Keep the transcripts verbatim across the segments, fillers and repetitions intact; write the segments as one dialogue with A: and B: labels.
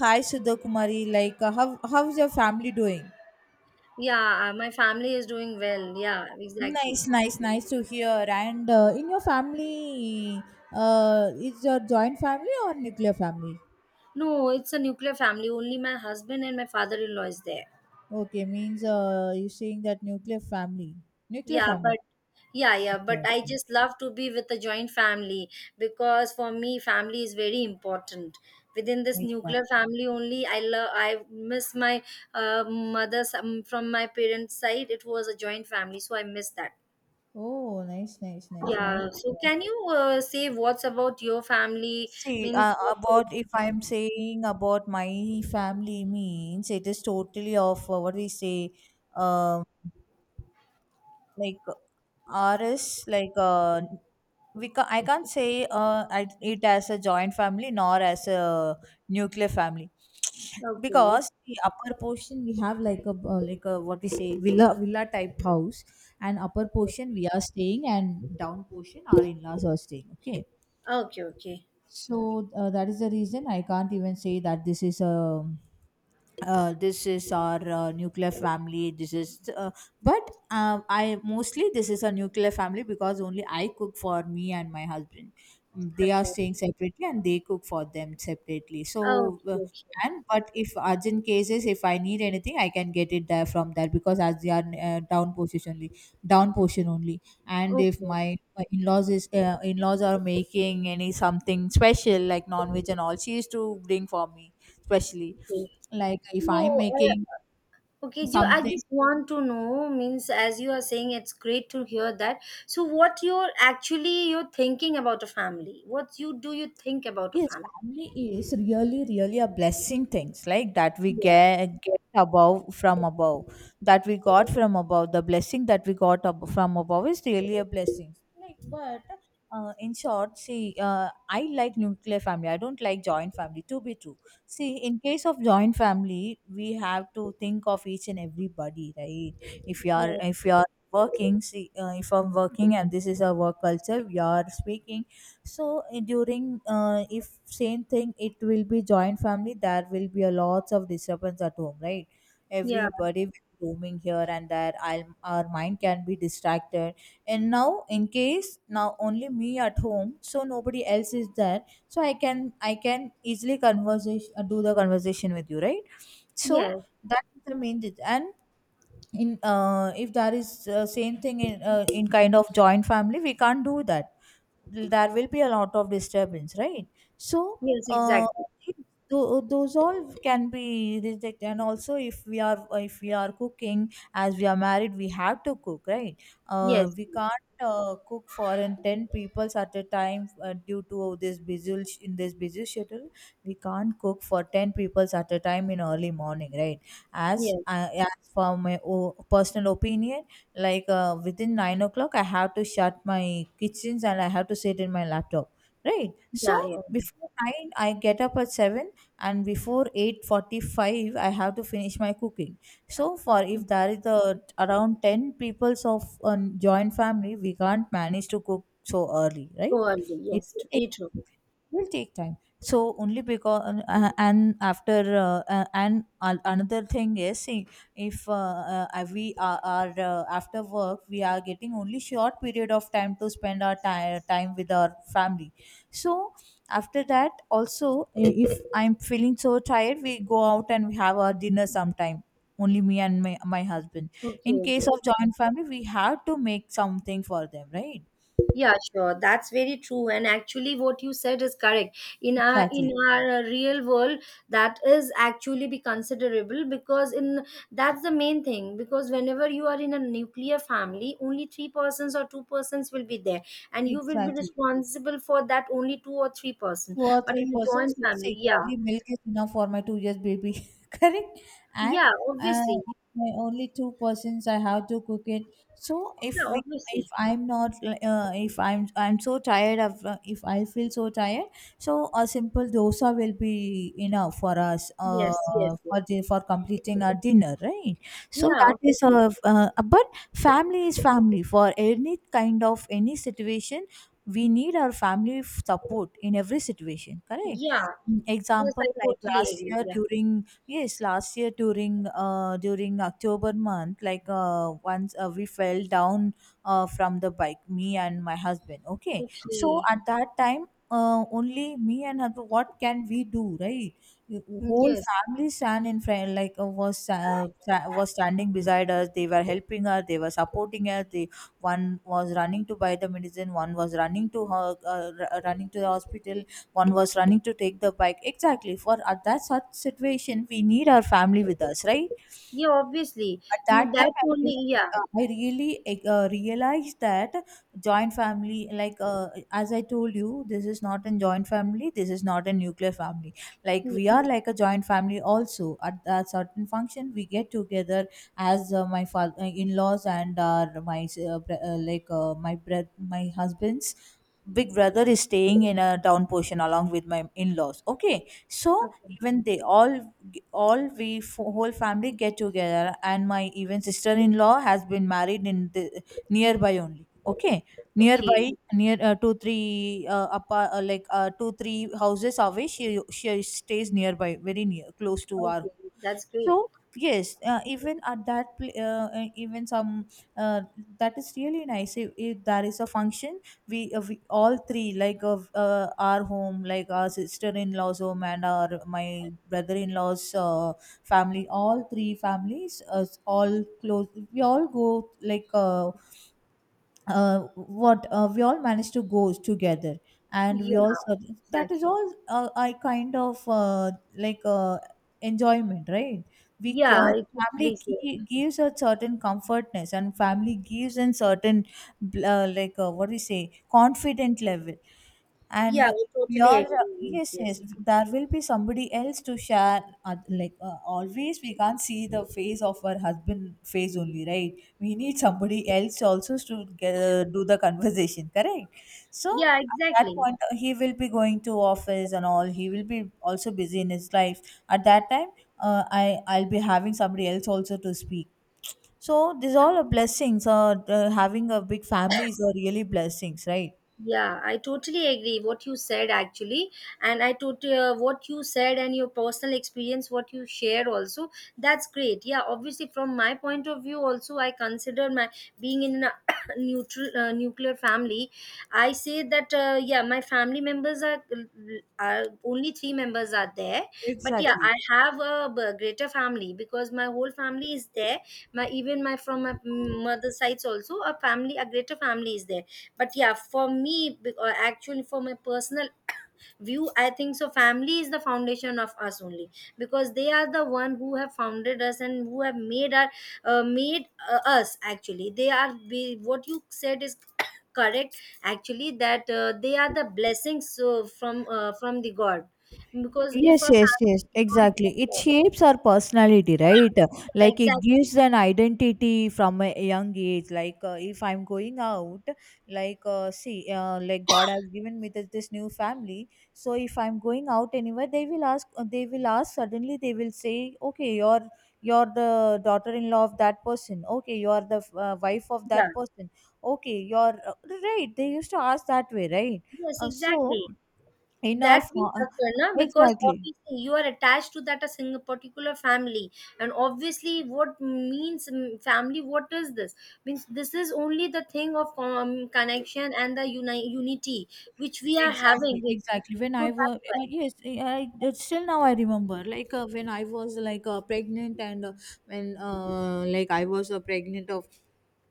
A: Hi Sudha Kumari, like uh, how how's your family doing?
B: Yeah, uh, my family is doing well. Yeah, exactly.
A: Nice, nice, nice to hear. And uh, in your family, uh, is your joint family or nuclear family?
B: No, it's a nuclear family. Only my husband and my father-in-law is there.
A: Okay, means uh, you're saying that nuclear family, nuclear
B: Yeah,
A: family.
B: but yeah, yeah, but
A: Okay,
B: I
A: okay.
B: just love to be with a joint family because for me, family is very important. Within this
A: Nice,
B: nuclear
A: nice.
B: family only, I love. I miss my uh, mother's um, from my parents' side. It was a joint family, so I miss that.
A: Oh, nice, nice, nice, nice
B: Yeah.
A: to
B: So,
A: hear.
B: can you uh, say what's about your family?
A: See, uh,
B: Means what?
A: about if I'm saying about my family means it is totally of uh, what we say, um, like R S, like uh, we ca- I can't say uh, I, it as a joint family nor as a nuclear family,
B: Okay.
A: because the upper portion we have like a uh, like a what we say villa villa type house, and upper
B: Okay.
A: portion we are staying and down portion our in-laws are staying, okay.
B: Okay. Okay.
A: So uh, that is the reason I can't even say that this is a uh, this is our uh, nuclear family, this is uh, but uh, I mostly this is a nuclear family, because only I cook for me and my husband. Mm, they are
B: Okay.
A: staying separately and they cook for them separately,
B: Oh,
A: so uh,
B: okay, okay,
A: and but if urgent cases, if I need anything I can get it there from there, because as they are uh, down position only down portion only. And if
B: okay,
A: my, my in-laws is uh, in-laws are making any something special like non-veg and all, she used to bring for me specially.
B: okay.
A: Like if I'm
B: So,
A: making
B: uh, okay, Joe, I
A: something.
B: just want to know, means as you are saying, it's great to hear that. So, what you're actually you're thinking about a family? What you do you think about a
A: Yes,
B: family?
A: family is really, really a blessing, things like that we
B: Yeah,
A: get, get above from above, that we got from above. The blessing that we got ab- from above is really a blessing. Like, but uh, in short, see, uh, I like nuclear family. I don't like joint family. To be true, see, in case of joint family, we have to think of each and everybody, right? If you are,
B: yeah,
A: if you are working, see, uh, if I'm working and this is a work culture we are speaking, so eh, during uh, if same thing it will be joint family, there will be a lots of disturbance at home, right?
B: yeah,
A: Everybody will be roaming here and there, I'll, our mind can be distracted. And now in case, now only me at home, so nobody else is there, so i can i can easily conversation, uh, do the conversation with you, right? So
B: yes,
A: that is the main thing. And in uh, if there is uh, same thing in uh, in kind of joint family we can't do that, there will be a lot of disturbance, right? So
B: yes,
A: uh,
B: exactly.
A: tho- those all can be rejected. And also if we are, if we are cooking, as we are married we have to cook, right? uh,
B: Yes,
A: we can't uh, cook for in ten peoples at a time, uh, due to this busy sh- in this busy schedule we can't cook for ten peoples at a time in early morning, right? As
B: yes,
A: uh, as for my o- personal opinion, like uh, within nine o'clock I have to shut my kitchens and I have to sit in my laptop, right? So
B: yeah, yeah.
A: before nine I get up at seven, and before eight forty-five I have to finish my cooking. So for if there is the around ten peoples of a joint family, we can't manage to cook so early, right?
B: So are you?
A: It
B: Yes,
A: will take,
B: very true.
A: will take time. So only because uh, and after uh, uh, and an- another thing is, see, if uh, uh, uh, we are, are uh, after work we are getting only short period of time to spend our ti- time with our family. So after that also, i- if I'm feeling so tired, we go out and we have our dinner sometime, only me and my, my husband.
B: Okay,
A: In case
B: okay.
A: of joint family we have to make something for them, right?
B: Yeah, sure. That's very true. And actually, what you said is correct. In our in
A: Exactly.
B: our uh, real world, that is actually be considerable because in that's the main thing. Because whenever you are in a nuclear family, only three persons or two persons will be there, and you will be
A: Exactly,
B: responsible for that only two or three person.
A: two or
B: But
A: three
B: in a
A: persons
B: joint
A: will
B: family,
A: say
B: yeah,
A: only milk is enough for my two years baby. Correct. And
B: yeah,
A: uh,
B: obviously,
A: if my only two persons I have to cook it. So if
B: yeah,
A: we, if
B: obviously,
A: I'm not uh, if i'm i'm so tired of uh, if I feel so tired, so a simple dosa will be enough for us uh,
B: yes, yes, yes,
A: for the for completing our dinner, right? So
B: yeah,
A: that is
B: obviously,
A: a uh, but family is family for any kind of any situation, we need our family f- support in every situation, correct?
B: yeah,
A: Mm,
B: yes,
A: example
B: I
A: like
B: totally
A: last
B: agree.
A: year
B: Yeah,
A: during, yes, last year during uh during October month, like uh once uh, we fell down uh from the bike, me and my husband, okay? So
B: okay.
A: at that time, uh, only me and husband, what can we do, right? The
B: Mm,
A: whole
B: yes.
A: family stand in front, like uh, was uh, sta- was standing beside us, they were helping us, they were supporting us, they, one was running to buy the medicine, one was running to ho- uh, r- uh, running to the hospital, one was running to take the bike, exactly, for at that such situation we need our family with us, right?
B: Yeah, obviously.
A: At
B: Mm,
A: that
B: that's
A: time, I
B: only,
A: really,
B: yeah.
A: uh, I really uh, uh, realized that joint family, like uh, as I told you, this is not a joint family, this is not a nuclear family. Like
B: Yeah.
A: we are like a joint family also, at a certain function we get together, as uh, my father, in-laws, and our my uh, br- uh, like uh, my brother, my husband's big brother is staying in a down portion along with my in-laws, okay? So
B: Okay.
A: even they all, g- all we f- whole family get together. And my even sister-in-law has been married in the nearby only, okay,
B: Okay.
A: nearby, near uh, two three uh, apa uh, like uh, two three houses away, she she stays nearby, very near close to our.
B: Okay. That's
A: So
B: great.
A: yes, uh, even at that pl- uh, uh, even some uh, that is really nice, if, if there is a function, we, uh, we all three like of uh, our home, like our sister-in-law's home and our my brother-in-law's uh, family, all three families uh, all close, we all go like uh, uh, what uh, we all manage to go together, and we
B: Yeah,
A: all so, that is
B: exactly.
A: all uh, I kind of uh, like uh, enjoyment, right? We c-
B: Yeah,
A: uh,
B: I
A: the family
B: totally see.
A: gi- gives a certain comfortness, and family gives a certain bl- uh, like uh, what do you say, confident level, and.
B: Yeah,
A: Uh,
B: I
A: we
B: totally
A: are uh,
B: agree with this.
A: yes, yes,
B: Yes.
A: there will be somebody else to share, uh, like uh, always we can't see the face of our husband face only, right? We need somebody else also to get, uh, do the conversation, correct? So
B: Yeah,
A: at that
B: exactly.
A: point, uh, he will be going to office and all, he will be also busy in his life. At that time, uh, I I'll be having somebody else also to speak. So these all are blessings. Uh, uh, having a big family is a really blessings, right?
B: Yeah, I totally agree what you said actually, and I totally uh, what you said and your personal experience, what you share also. That's great. Yeah, obviously from my point of view also, I consider my being in a neutral uh, nuclear family. I say that uh, yeah, my family members are, uh, are only three members are there, but yeah,
A: Exactly.
B: I have a b- greater family because my whole family is there. My even my from my mother's sides also a family, a greater family is there but yeah for me be- or actually for my personal view I think so family is the foundation of us only because they are the one who have founded us and who have made our uh, made uh, us actually they are be, what you said is correct actually that uh, they are the blessings so from uh, from the God because if
A: Yes,
B: a
A: yes,
B: family
A: yes,
B: is not
A: exactly. It
B: there,
A: shapes our personality, right?
B: yeah,
A: Like it
B: exactly,
A: gives an identity from a young age. Like uh, if I'm going out, like uh, see, uh, like God has given me this, this new family. So if I'm going out anywhere, they will ask. uh, They will ask suddenly. They will say, "Okay, you're you're the daughter-in-law of that person. Okay, you're the uh, wife of
B: yeah,
A: that person. Okay, you're uh, right." They used to ask that way, right?
B: yes,
A: Uh, so
B: exactly,
A: in our
B: that will
A: fo-
B: occur na because
A: exactly.
B: obviously you are attached to that a single particular family and obviously what means mm, family what is this means this is only the thing of um, connection and the uni- unity which we are having
A: Exactly,
B: with
A: exactly. When
B: so
A: I was
B: that's
A: uh,
B: why
A: yes, I I- uh, still now I remember like uh, when I was like uh, pregnant and uh, when uh, like I was uh, pregnant of,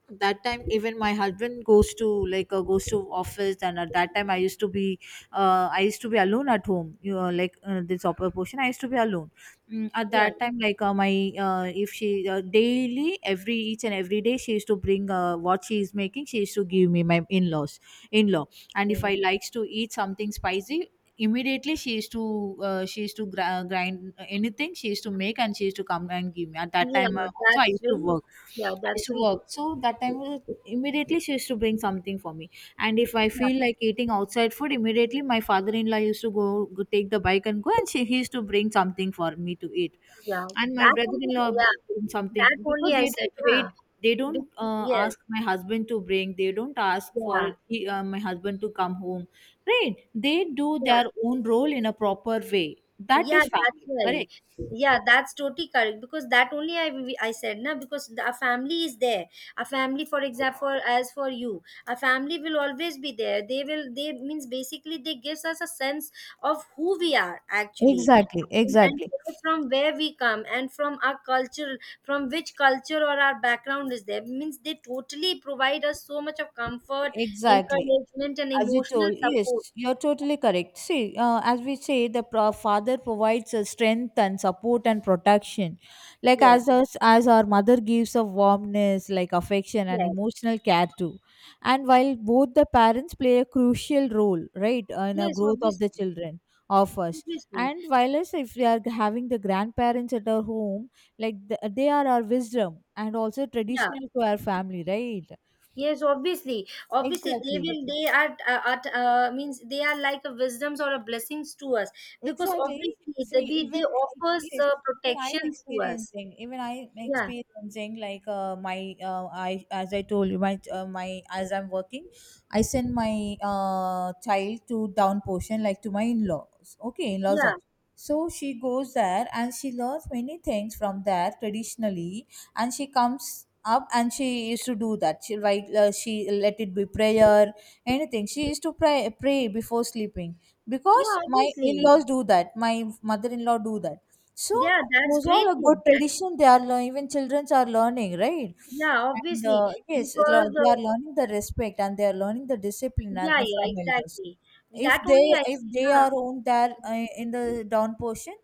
A: at that time even my husband goes to like uh, goes to office, and at that time I used to be uh, I used to be alone at home, you know, like uh, this upper portion I used to be alone. Mm, at
B: yeah
A: that time like uh, my uh, if she uh, daily, every each and every day, she used to bring uh, what she is making, she used to give me, my in-laws, in-law. And if
B: okay.
A: I likes to eat something spicy, immediately she used to uh, she used to gra- grind anything, she used to make and she used to come and give me. At that time uh,
B: Yeah
A: also I
B: that's
A: used to
B: very
A: work,
B: yeah
A: I used
B: that's
A: to
B: sweet.
A: work. So that time, uh, immediately she used to bring something for me. And if I
B: Yeah,
A: feel like eating outside food, immediately my father-in-law used to go, go take the bike and go, and she he used to bring something for me to eat.
B: yeah.
A: And my
B: That only
A: brother-in-law
B: yeah
A: br- bring something,
B: that
A: because
B: only I
A: they
B: said
A: don't
B: yeah.
A: wait. They
B: Be-
A: don't uh,
B: yes
A: ask my husband to bring, they don't ask for
B: yeah
A: he- uh, my husband to come home, right? They do
B: yeah.
A: their own role in a proper way. That
B: Yeah,
A: is
B: that's
A: family,
B: why.
A: correct?
B: Yeah, that's totally correct because that only I I said na because the, a family is there. A family, for example, as for you, a family will always be there. They will. They means basically they gives us a sense of who we are actually
A: Exactly,
B: and, and
A: exactly.
B: from where we come and from our culture, from which culture or our background is there. Means they totally provide us so much of comfort,
A: Exactly.
B: encouragement, and
A: As you
B: emotional
A: told,
B: support.
A: yes, you're totally correct. See, uh, as we say, the pro- father provides a strength and support and protection. Like
B: Yes,
A: as us, as our mother gives a warmness, like affection and
B: yes,
A: emotional care too. And while both the parents play a crucial role, right, uh, in the
B: yes.
A: growth of the
B: Obviously,
A: children of us.
B: obviously.
A: And while us, if we are having the grandparents at our home, like th they are our wisdom and also
B: Yeah.
A: traditional to our family, right?
B: Yes, obviously, obviously they
A: Exactly.
B: will. They are uh, at uh, means they are like a wisdoms or a blessings to us because
A: Exactly.
B: obviously the
A: See,
B: we they
A: even uh,
B: offers
A: yes,
B: uh,
A: even I'm
B: protections to us.
A: experiencing, even I'm
B: Yeah,
A: experiencing like uh, my uh, I as I told you my uh, my as I'm working, I send my uh, child to down portion like to my in-laws. Okay, in-laws
B: yeah,
A: house. So she goes there and she learns many things from there traditionally, and she comes up and she used to do that. She write uh, she let it be prayer anything. She used to pray pray before sleeping because
B: yeah.
A: my
B: Obviously,
A: in-laws do that, my mother-in-law do that. So
B: yeah, that's
A: those all
B: great
A: a good
B: thing actually.
A: tradition they are learning, even childrens are learning, right?
B: Yeah,
A: And uh,
B: obviously
A: yes lo-
B: because
A: they are
B: uh,
A: learning the respect and they are learning the discipline and-
B: yeah, yeah, yeah,
A: from elders
B: exactly.
A: if
B: That
A: they
B: only I
A: if
B: see,
A: they
B: na.
A: are on there uh, in the down portion.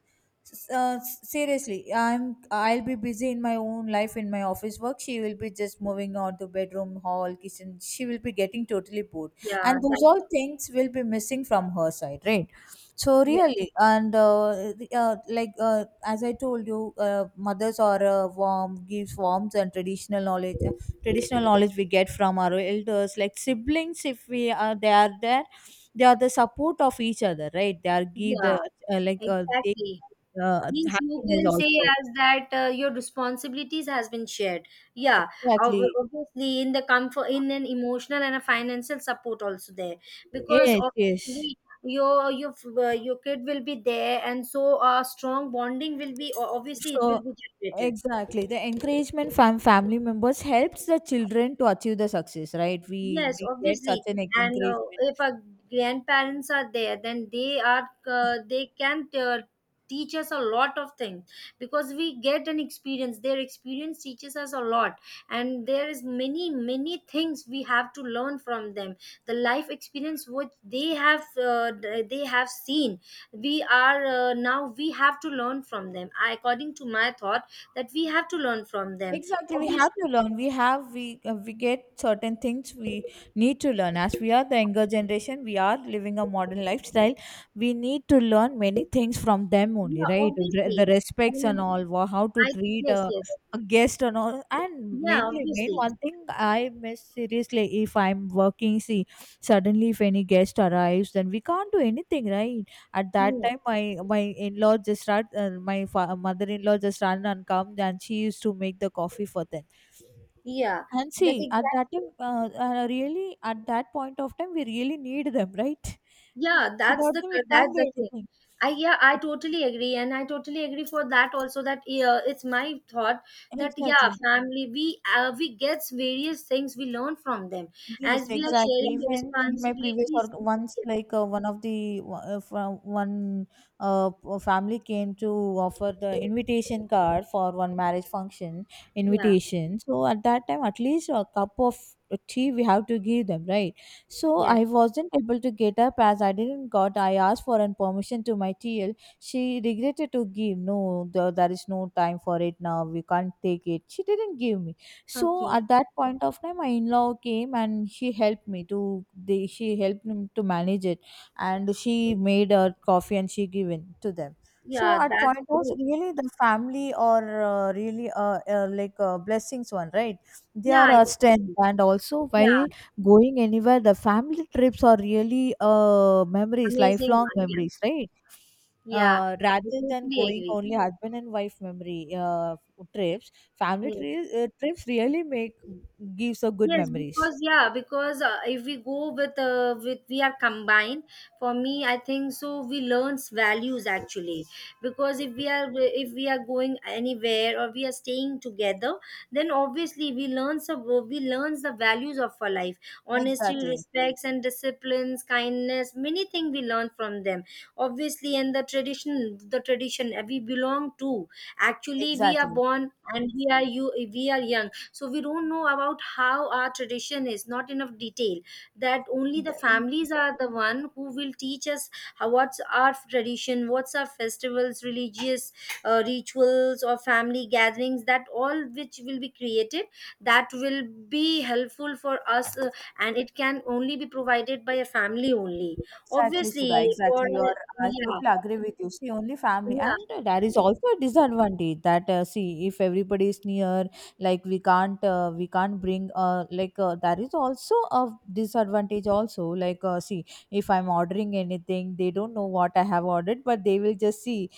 A: s- uh, s- Seriously, i'm i'll be busy in my own life, in my office work. She will be just moving on to bedroom, hall, kitchen. She will be getting totally bored,
B: Yeah,
A: and those
B: that,
A: all things will be missing from her side, right? So
B: yeah,
A: really, and uh, the- uh, like uh, as I told you, uh, mothers are uh, warm, gives warmth and traditional knowledge. Traditional knowledge we get from our elders, like siblings if we are they are there. They are the support of each other, right? They are give
B: yeah,
A: the uh, like uh, they
B: exactly.
A: give, uh,
B: Means you
A: happiness
B: can say
A: also.
B: as that uh, your responsibilities has been shared yeah ob-
A: Exactly.
B: obviously in the comfort in an emotional and a financial support also there because
A: Yes, yes.
B: obviously your your uh, your kid will be there and so a strong bonding will be o- obviously it
A: So,
B: will be generated.
A: exactly. The encouragement from family members helps the children to achieve the success, right? We
B: Yes,
A: we get such
B: obviously.
A: an
B: And uh,
A: encouragement.
B: if our grandparents are there, then they are uh, they can uh, teach us a lot of things because we get an experience. Their experience teaches us a lot, and there is many many things we have to learn from them. The life experience which they have uh, they have seen, we are uh, now we have to learn from them. I, according to my thought, that we have to learn from them.
A: Exactly, we have to
B: Obviously,
A: learn. We have we uh, we get certain things we need to learn. As we are the younger generation, we are living a modern lifestyle. We need to learn many things from them only,
B: yeah,
A: right? Re-
B: obviously.
A: The respects and
B: I
A: all, wha- how to treat
B: yes,
A: a,
B: yes.
A: a guest and all. And
B: Yeah,
A: mainly, main
B: obviously.
A: one thing I miss seriously if I'm working. See, suddenly if any guest arrives, then we can't do anything, right? At that
B: Hmm.
A: time, my my in-law just ran, uh, my fa- mother-in-law just ran and come, and she used to make the coffee for them.
B: Yeah,
A: And
B: that
A: see, at that
B: exactly.
A: time, uh, uh, really, at that point of time, we really need them, right?
B: Yeah, that's
A: Without
B: the
A: them, we can't
B: that's
A: do
B: the thing.
A: anything.
B: I yeah, I totally agree, and I totally agree for that also. That yeah, it's my thought that yeah,
A: Exactly.
B: family we uh, we gets various things we learn from them
A: Yes,
B: as we are
A: exactly.
B: sharing the
A: Even in my previous
B: responsibilities.
A: work, once like uh, one of the uh, from one uh, p- uh, family came to offer the invitation card for one marriage function
B: Yeah,
A: invitation. So at that time, at least a cup of tea we have to give them, right? So
B: yes.
A: I wasn't able to get up as I didn't got. I asked for an permission to my T L. She regretted to give. No, there, there is no time for it now. We can't take it. She didn't give me. So
B: Okay.
A: at that point of time, my in-law came and she helped me to they she helped me to manage it, and she made her coffee and she given to them. So
B: Yeah,
A: at
B: that's
A: point was
B: great.
A: really the family, or uh, really uh, uh, like uh, blessings one, right? They
B: Yeah,
A: are
B: I
A: our strength,
B: totally.
A: and also while
B: Yeah,
A: going anywhere, the family trips are really uh, memories,
B: amazing
A: lifelong
B: one. Yeah,
A: memories, right?
B: yeah.
A: Uh,
B: I
A: rather
B: totally
A: than going
B: agree.
A: only husband and wife memory uh, trips. Family
B: Yeah.
A: tri- uh, trips really make gives a good
B: Yes,
A: memories.
B: because yeah, because uh, if we go with uh, with we are combined. For me, I think so. We learns values actually, because if we are if we are going anywhere or we are staying together, then obviously we learns some we learns the values of our life, honesty,
A: Exactly,
B: respects, and disciplines, kindness, many things we learn from them. Obviously, and the tradition, the tradition uh, we belong to actually we are
A: exactly.
B: born and we are you we are young so we don't know about how our tradition is not enough detail that only the
A: The-
B: families are the one who will teach us how, what's our tradition what's our festivals religious uh, rituals or family gatherings that all which will be created that will be helpful for us uh, and it can only be provided by a family only
A: Exactly,
B: obviously
A: Sudha.
B: for
A: Exactly. You're, I
B: yeah
A: totally agree with you. See, only family.
B: yeah.
A: And uh, there is also a disadvantage that, uh, see, if everybody is near, like we can't, uh, we can't bring, uh, like uh, there is also a disadvantage also. Like, uh, see, if I'm ordering anything, they don't know what I have ordered, but they will just see,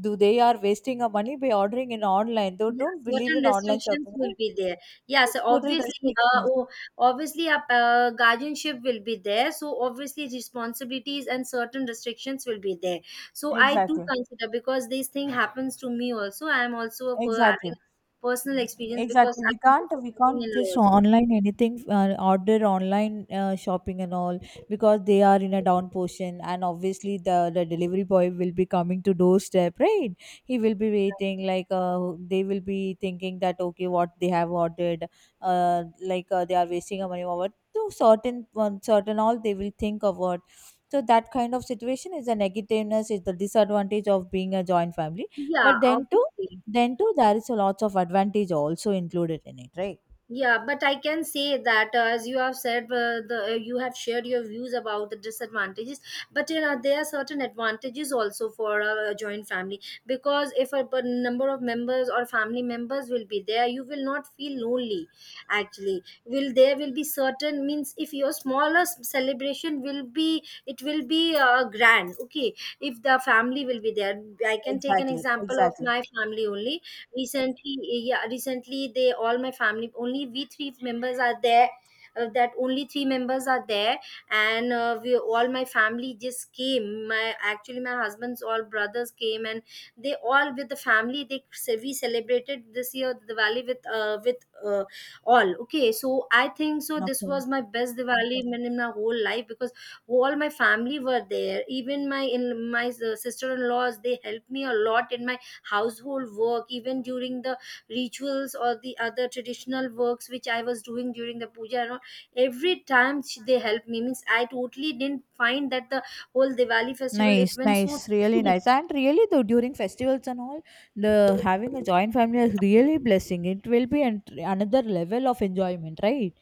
A: do they are wasting our money by ordering in online. They
B: Yeah,
A: don't believe
B: certain
A: in online
B: restrictions
A: shopping.
B: will
A: Right?
B: be there. Yeah,
A: Yeah,
B: so
A: it's total
B: obviously, uh,
A: restrictions.
B: oh, obviously, a uh, guardianship will be there. So obviously, responsibilities and certain restrictions will be there. So I do
A: Exactly.
B: consider because this thing happens to me also. I am also a per- having
A: Exactly.
B: personal experience because
A: Exactly.
B: I
A: We
B: am
A: can't
B: also
A: we can't
B: living in
A: just
B: laws.
A: online anything uh, order online uh, shopping and all, because they are in a down portion and obviously the, the delivery boy will be coming to doorstep, right? He will be waiting like uh, they will be thinking that okay, what they have ordered, uh, like uh, they are wasting our money or what, to certain one certain all they will think about. So that kind of situation is a negativeness, is the disadvantage of being a joint family.
B: Yeah,
A: But then too
B: obviously.
A: then too, there is a lots of advantage also included in it, right?
B: Yeah, but I can say that uh, as you have said, uh, the uh, you have shared your views about the disadvantages. But you know there are certain advantages also for a, a joint family because if a, b- number of members or family members will be there, you will not feel lonely. Actually, will there will be certain means if your smallest celebration will be it will be uh, grand. Okay, if the family will be there, I can take an
A: Exactly,
B: example of
A: exactly.
B: my family only recently yeah recently they all my family only we three members are there uh, that only three members are there and uh, we all my family just came my actually my husband's all brothers came and they all with the family they ce- we celebrated this year Diwali with uh, with uh, all okay so I think so this
A: Okay.
B: was my best Diwali in in my whole life because all my family were there even my in my uh, sister-in-laws they helped me a lot in my household work even during the rituals or the other traditional works which I was doing during the puja and all every time she, they helped me means I totally didn't find that the whole Diwali festival
A: Nice,
B: it went so
A: nice, really nice. And really though during festivals and all, the having a joint family is really blessing. It will be an, another level of enjoyment, right?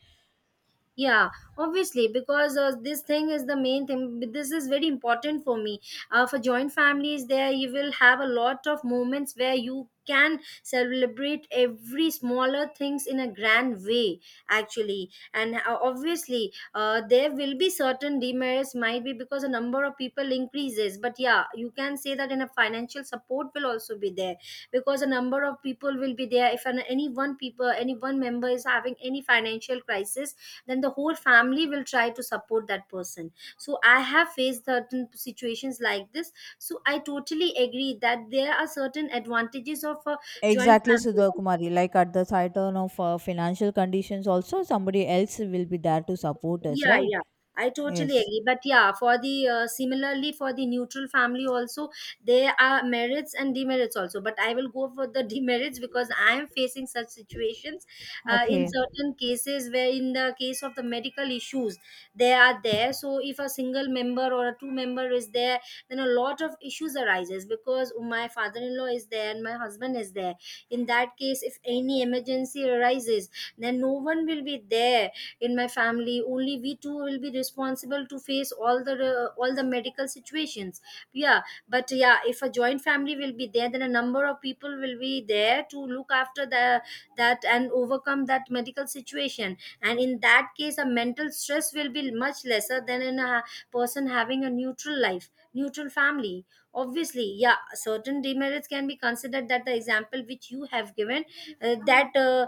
B: yeah obviously because uh, this thing is the main thing but this is very important for me uh, for joint families there you will have a lot of moments where you can celebrate every smaller things in a grand way actually and uh, obviously uh, there will be certain demerits might be because the number of people increases but yeah you can say that in a financial support will also be there because a number of people will be there if an, any one people any one member is having any financial crisis then the whole family will try to support that person so I have faced certain situations like this so I totally agree that there are certain advantages of a joint
A: Exactly,
B: family
A: Sudha
B: also.
A: Kumari. Like at the titan of uh, financial conditions, also somebody else will be there to support us,
B: Yeah,
A: right?
B: yeah. I totally
A: Yes.
B: agree. But yeah, for the uh, similarly for the neutral family also, there are merits and demerits also. But I will go for the demerits because I am facing such situations uh, in
A: Okay.
B: certain cases where, in the case of the medical issues, they are there. So if a single member or a two member is there, then a lot of issues arises because my father-in-law is there and my husband is there. In that case, if any emergency arises, then no one will be there in my family. Only we two will be responsible to face all the uh, all the medical situations, yeah. But yeah, if a joint family will be there, then a number of people will be there to look after the that and overcome that medical situation, and in that case a mental stress will be much lesser than in a person having a neutral life, neutral family. Obviously, yeah, certain demerits can be considered, that the example which you have given, uh, that uh,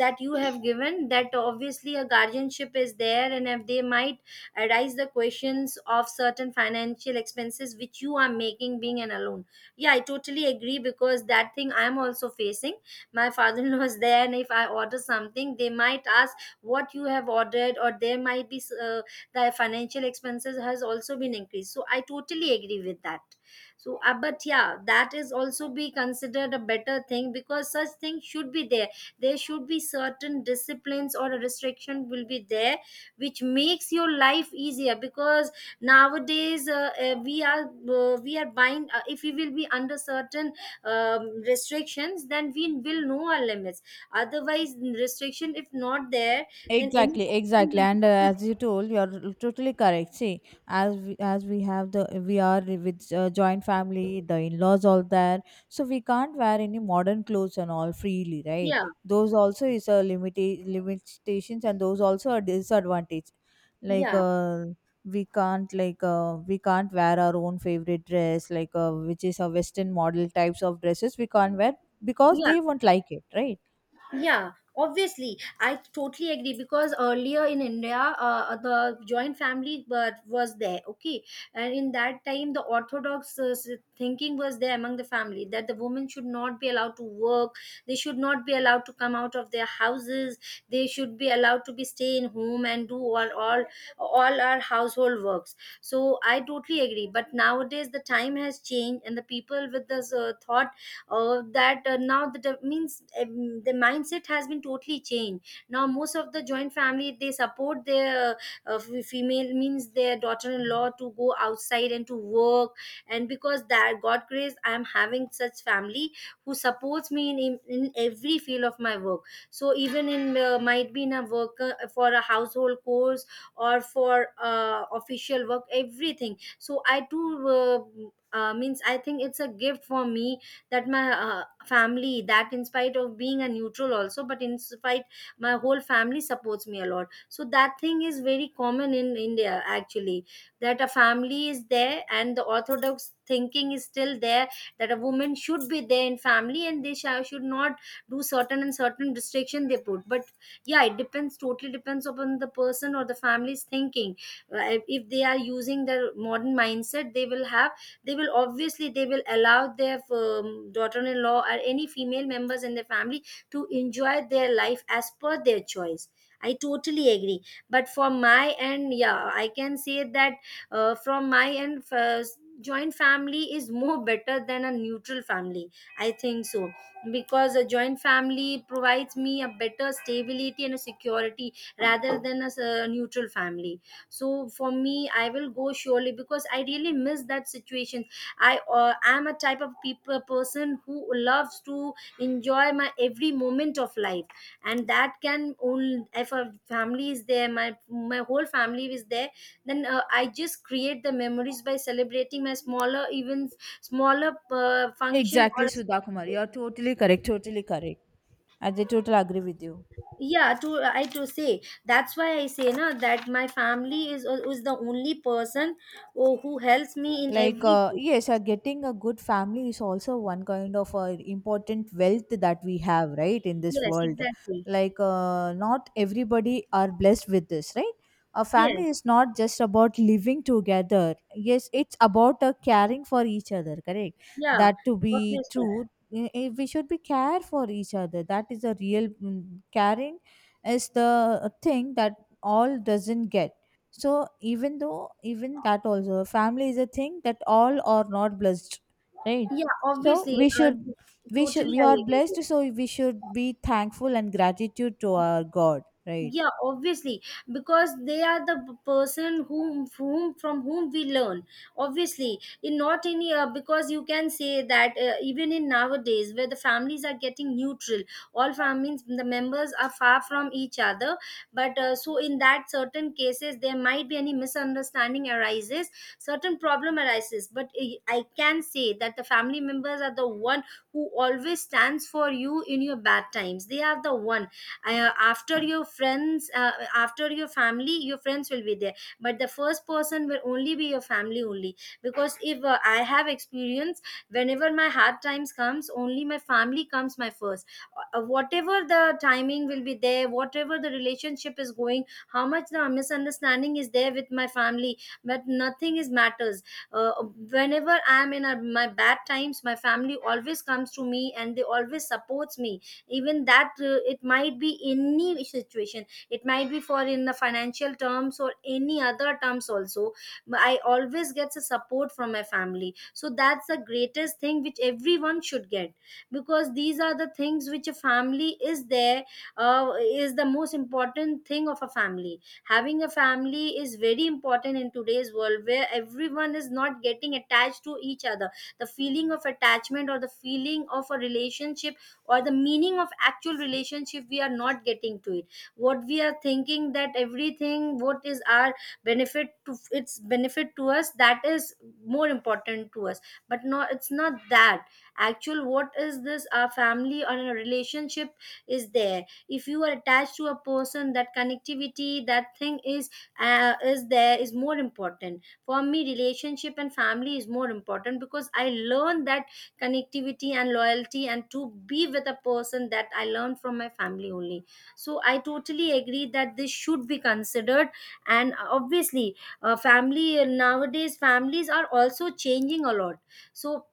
B: that you have given, that obviously a guardianship is there, and if they might arise the questions of certain financial expenses which you are making being an alone. Yeah, I totally agree, because that thing I'm also facing. My father-in-law is there, and if I order something they might ask what you have ordered, or there might be uh, the financial expenses has also been increased, so I totally agree with that. So uh, but yeah, that is also be considered a better thing, because such things should be there. There should be certain disciplines or a restriction will be there, which makes your life easier, because nowadays, uh, uh, we are uh, we are buying uh, if we will be under certain um, restrictions, then we will know our limits. Otherwise restriction if not there, then any
A: Exactly,
B: person
A: exactly,
B: will be.
A: and uh, as you told, you are totally correct. See, as we, as we have the we are with uh, joint family, the in laws all there, so we can't wear any modern clothes and all freely, right?
B: Yeah,
A: Those also is a limit limitations, and those also a disadvantage. Like
B: yeah,
A: uh, we can't like uh, we can't wear our own favorite dress, like uh, which is a Western model types of dresses. We can't wear because
B: yeah.
A: they won't like it, right?
B: Yeah, obviously, I totally agree, because earlier in India, uh, the joint family but was there, okay, and in that time, the orthodox uh, s- thinking was there among the family, that the women should not be allowed to work, they should not be allowed to come out of their houses, they should be allowed to be stay in home and do all all all our household works. So I totally agree, but nowadays the time has changed, and the people with this uh, thought uh, that uh, now the de- means um, the mindset has been totally changed. Now most of the joint family, they support their uh, f- female, means their daughter-in-law, to go outside and to work. And because that god grace, I am having such family who supports me in, in, in every field of my work. So even in uh, might be in a worker for a household course, or for uh, official work, everything. So I too uh, uh, means I think it's a gift for me, that my uh, family, that in spite of being a neutral also, but in spite my whole family supports me a lot. So that thing is very common in India actually, that a family is there and the orthodox thinking is still there, that a woman should be there in family and they shall, should not do certain, and certain restriction they put. But yeah, it depends, totally depends upon the person or the family's thinking. Uh, if if they are using their modern mindset, they will have, they will obviously, they will allow their um, daughter-in-law or any female members in their family to enjoy their life as per their choice. I totally agree, but for my end, yeah I can say that, uh, from my end first, joint family is more better than a neutral family, I think so, because a joint family provides me a better stability and a security rather than a, s- a neutral family. So for me, I will go surely, because I really miss that situation. I uh, am a type of people person who loves to enjoy my every moment of life, and that can only if a family is there, my my whole family is there, then uh, I just create the memories by celebrating my smaller, even smaller uh, function
A: Exactly,
B: or.
A: Sudha Kumar. You're totally correct. Totally correct. I they totally agree with you.
B: Yeah to I to say that's why I say na that my family is uh, is the only person who, who helps me in
A: Like
B: every
A: uh,
B: way.
A: yes, uh, getting a good family is also one kind of uh, important wealth that we have, right, in this
B: Yes,
A: world.
B: exactly.
A: Like uh, not everybody are blessed with this, right? A family
B: Yes.
A: is not just about living together, yes, it's about uh, caring for each other, correct,
B: Yeah,
A: that to be
B: obviously.
A: true. I- i- we should be care for each other, that is a real mm, caring is the thing that all doesn't get. So even though even that also family is a thing that all are not blessed, right?
B: Yeah,
A: So
B: obviously
A: we
B: um,
A: should we should
B: totally
A: we
B: I
A: are
B: agree.
A: blessed, so we should be thankful and gratitude to our God, right?
B: Yeah, obviously, because they are the p- person whom whom from whom we learn, obviously in not in uh, because you can say that uh, even in nowadays where the families are getting neutral, all families the members are far from each other. But uh, so in that certain cases there might be any misunderstanding arises, certain problem arises, but i I can say that the family members are the one who always stands for you in your bad times. They are the one, uh, after your friends, uh, after your family, your friends will be there, but the first person will only be your family only. Because if uh, I have experience, whenever my hard times comes only my family comes my first, uh, whatever the timing will be there, whatever the relationship is going, how much the misunderstanding is there with my family, but nothing is matters. uh, Whenever I am in a, my bad times, my family always comes to me and they always supports me, even that uh, it might be any situation, it might be for in the financial terms or any other terms also. But I always get a support from my family, so that's the greatest thing which everyone should get, because these are the things which a family is there, uh, is the most important thing of a family. Having a family is very important in today's world, where everyone is not getting attached to each other. The feeling of attachment, or the feeling of a relationship, or the meaning of actual relationship, we are not getting to it. What we are thinking, that everything what is our benefit, to its benefit to us, that is more important to us. But no, it's not that. Actual what is this, our family or a relationship is there, if you are attached to a person, that connectivity, that thing is uh, is there, is more important for me. Relationship and family is more important, because I learned that connectivity and loyalty and to be with a person, that I learned from my family only. So I totally agree that this should be considered. And obviously uh, family, nowadays families are also changing a lot, so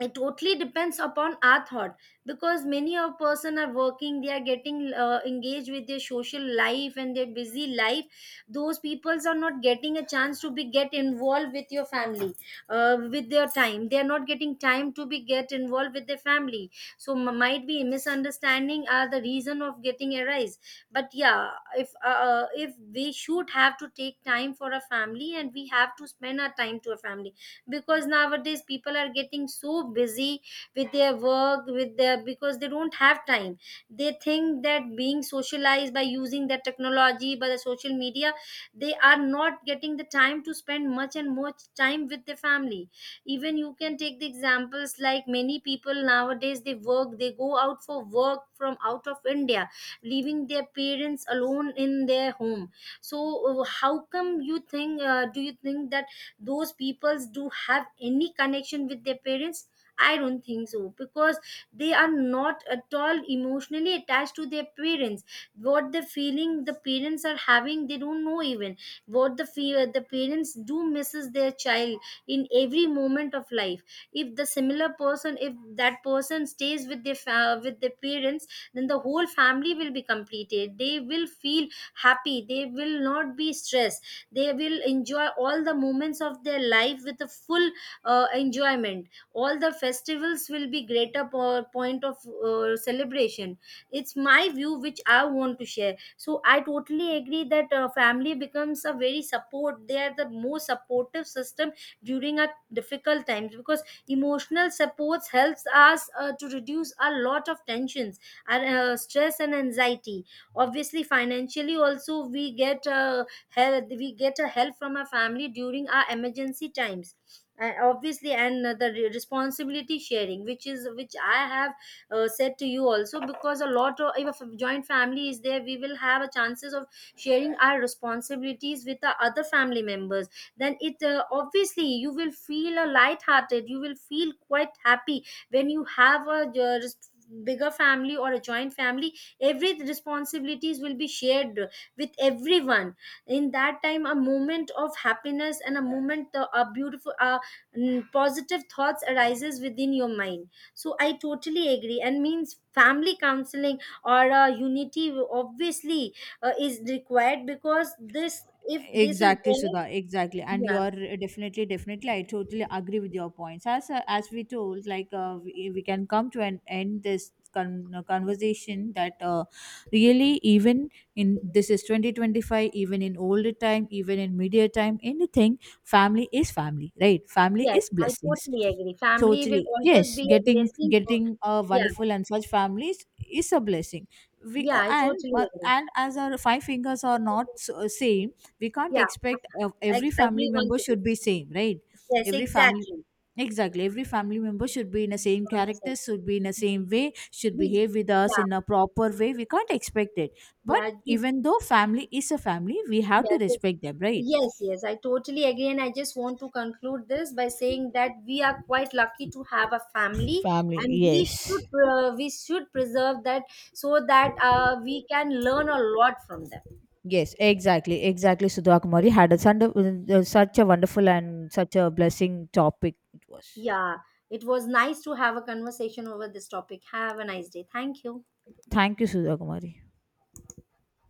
B: it totally depends upon our thought, because many of person are working, they are getting uh, engaged with their social life and their busy life. Those peoples are not getting a chance to be get involved with your family, uh, with their time they are not getting time to be get involved with their family. So m- might be misunderstanding are the reason of getting arise, but yeah, if uh, if we should have to take time for a family, and we have to spend our time to a family, because nowadays people are getting so busy with their work, with their, because they don't have time. They think that being socialized by using their technology, by the social media, they are not getting the time to spend much and much time with their family. Even you can take the examples, like many people nowadays they work, they go out for work from out of India, leaving their parents alone in their home. So uh, how come you think, uh, do you think that those peoples do have any connection with their parents? I don't think so, because they are not at all emotionally attached to their parents. What the feeling the parents are having, they don't know even, what the fear, the parents do misses their child in every moment of life. If the similar person, if that person stays with their fa- with their parents, then the whole family will be completed, they will feel happy, they will not be stressed, they will enjoy all the moments of their life with a full uh, enjoyment. All the festivals will be greater po- point of uh, celebration. It's my view which I want to share. So I totally agree that uh, family becomes a very support. They are the most supportive system during our difficult times, because emotional supports helps us uh, to reduce a lot of tensions and uh, stress and anxiety. Obviously financially also we get uh, help, we get a help from our family during our emergency times, uh, obviously. And uh, the re- responsibility sharing, which is which I have uh, said to you also, because a lot of, if a joint family is there, we will have a chances of sharing our responsibilities with the other family members. Then it uh, obviously, you will feel a light hearted, you will feel quite happy when you have a uh, res- bigger family or a joint family. Every responsibilities will be shared with everyone. In that time a moment of happiness, and a moment uh, a beautiful uh, mm, positive thoughts arises within your mind. So I totally agree, and means family counseling or uh, unity, obviously uh, is required, because this, if this is
A: Exactly,
B: there.
A: Sudha. Exactly, and you
B: Yeah.
A: are definitely, definitely. I totally agree with your points. As uh, as we told, like uh, we, we can come to an end this con- uh, conversation that uh, really even in this is twenty twenty-five, even in older time, even in media time, anything, family is family, right? Family
B: Yes,
A: is
B: I
A: blessings.
B: totally agree, family will
A: Totally,
B: always
A: yes.
B: be a
A: Getting
B: blessing for.
A: getting a
B: Yeah.
A: wonderful and such families is a blessing. We uh,
B: Yeah, I
A: and
B: totally
A: uh,
B: agree.
A: and as our five fingers are not s- uh, same, we can't
B: Yeah,
A: expect of
B: I
A: every family
B: agree on
A: member
B: to this.
A: should be same, right?
B: Yes,
A: every family
B: exactly.
A: Exactly, every family member should be in the same character, should be in the same way, should
B: Big,
A: behave with us
B: yeah.
A: in a proper way. We can't expect it. But
B: Yeah, big.
A: even though family is a family, we have to
B: Yeah, just-
A: respect them, right?
B: yes, yes, I totally agree. And I just want to conclude this by saying that we are quite lucky to have a family,
A: Family,
B: and we
A: yes.
B: should uh, we should preserve that, so that uh, we can learn a lot from them.
A: Yes, exactly, exactly. Sudha Kumari had a sunder- uh, such a wonderful and such a blessing topic it was.
B: Yeah, it was nice to have a conversation over this topic. Have a nice day. Thank you.
A: Thank you, Sudha Kumari.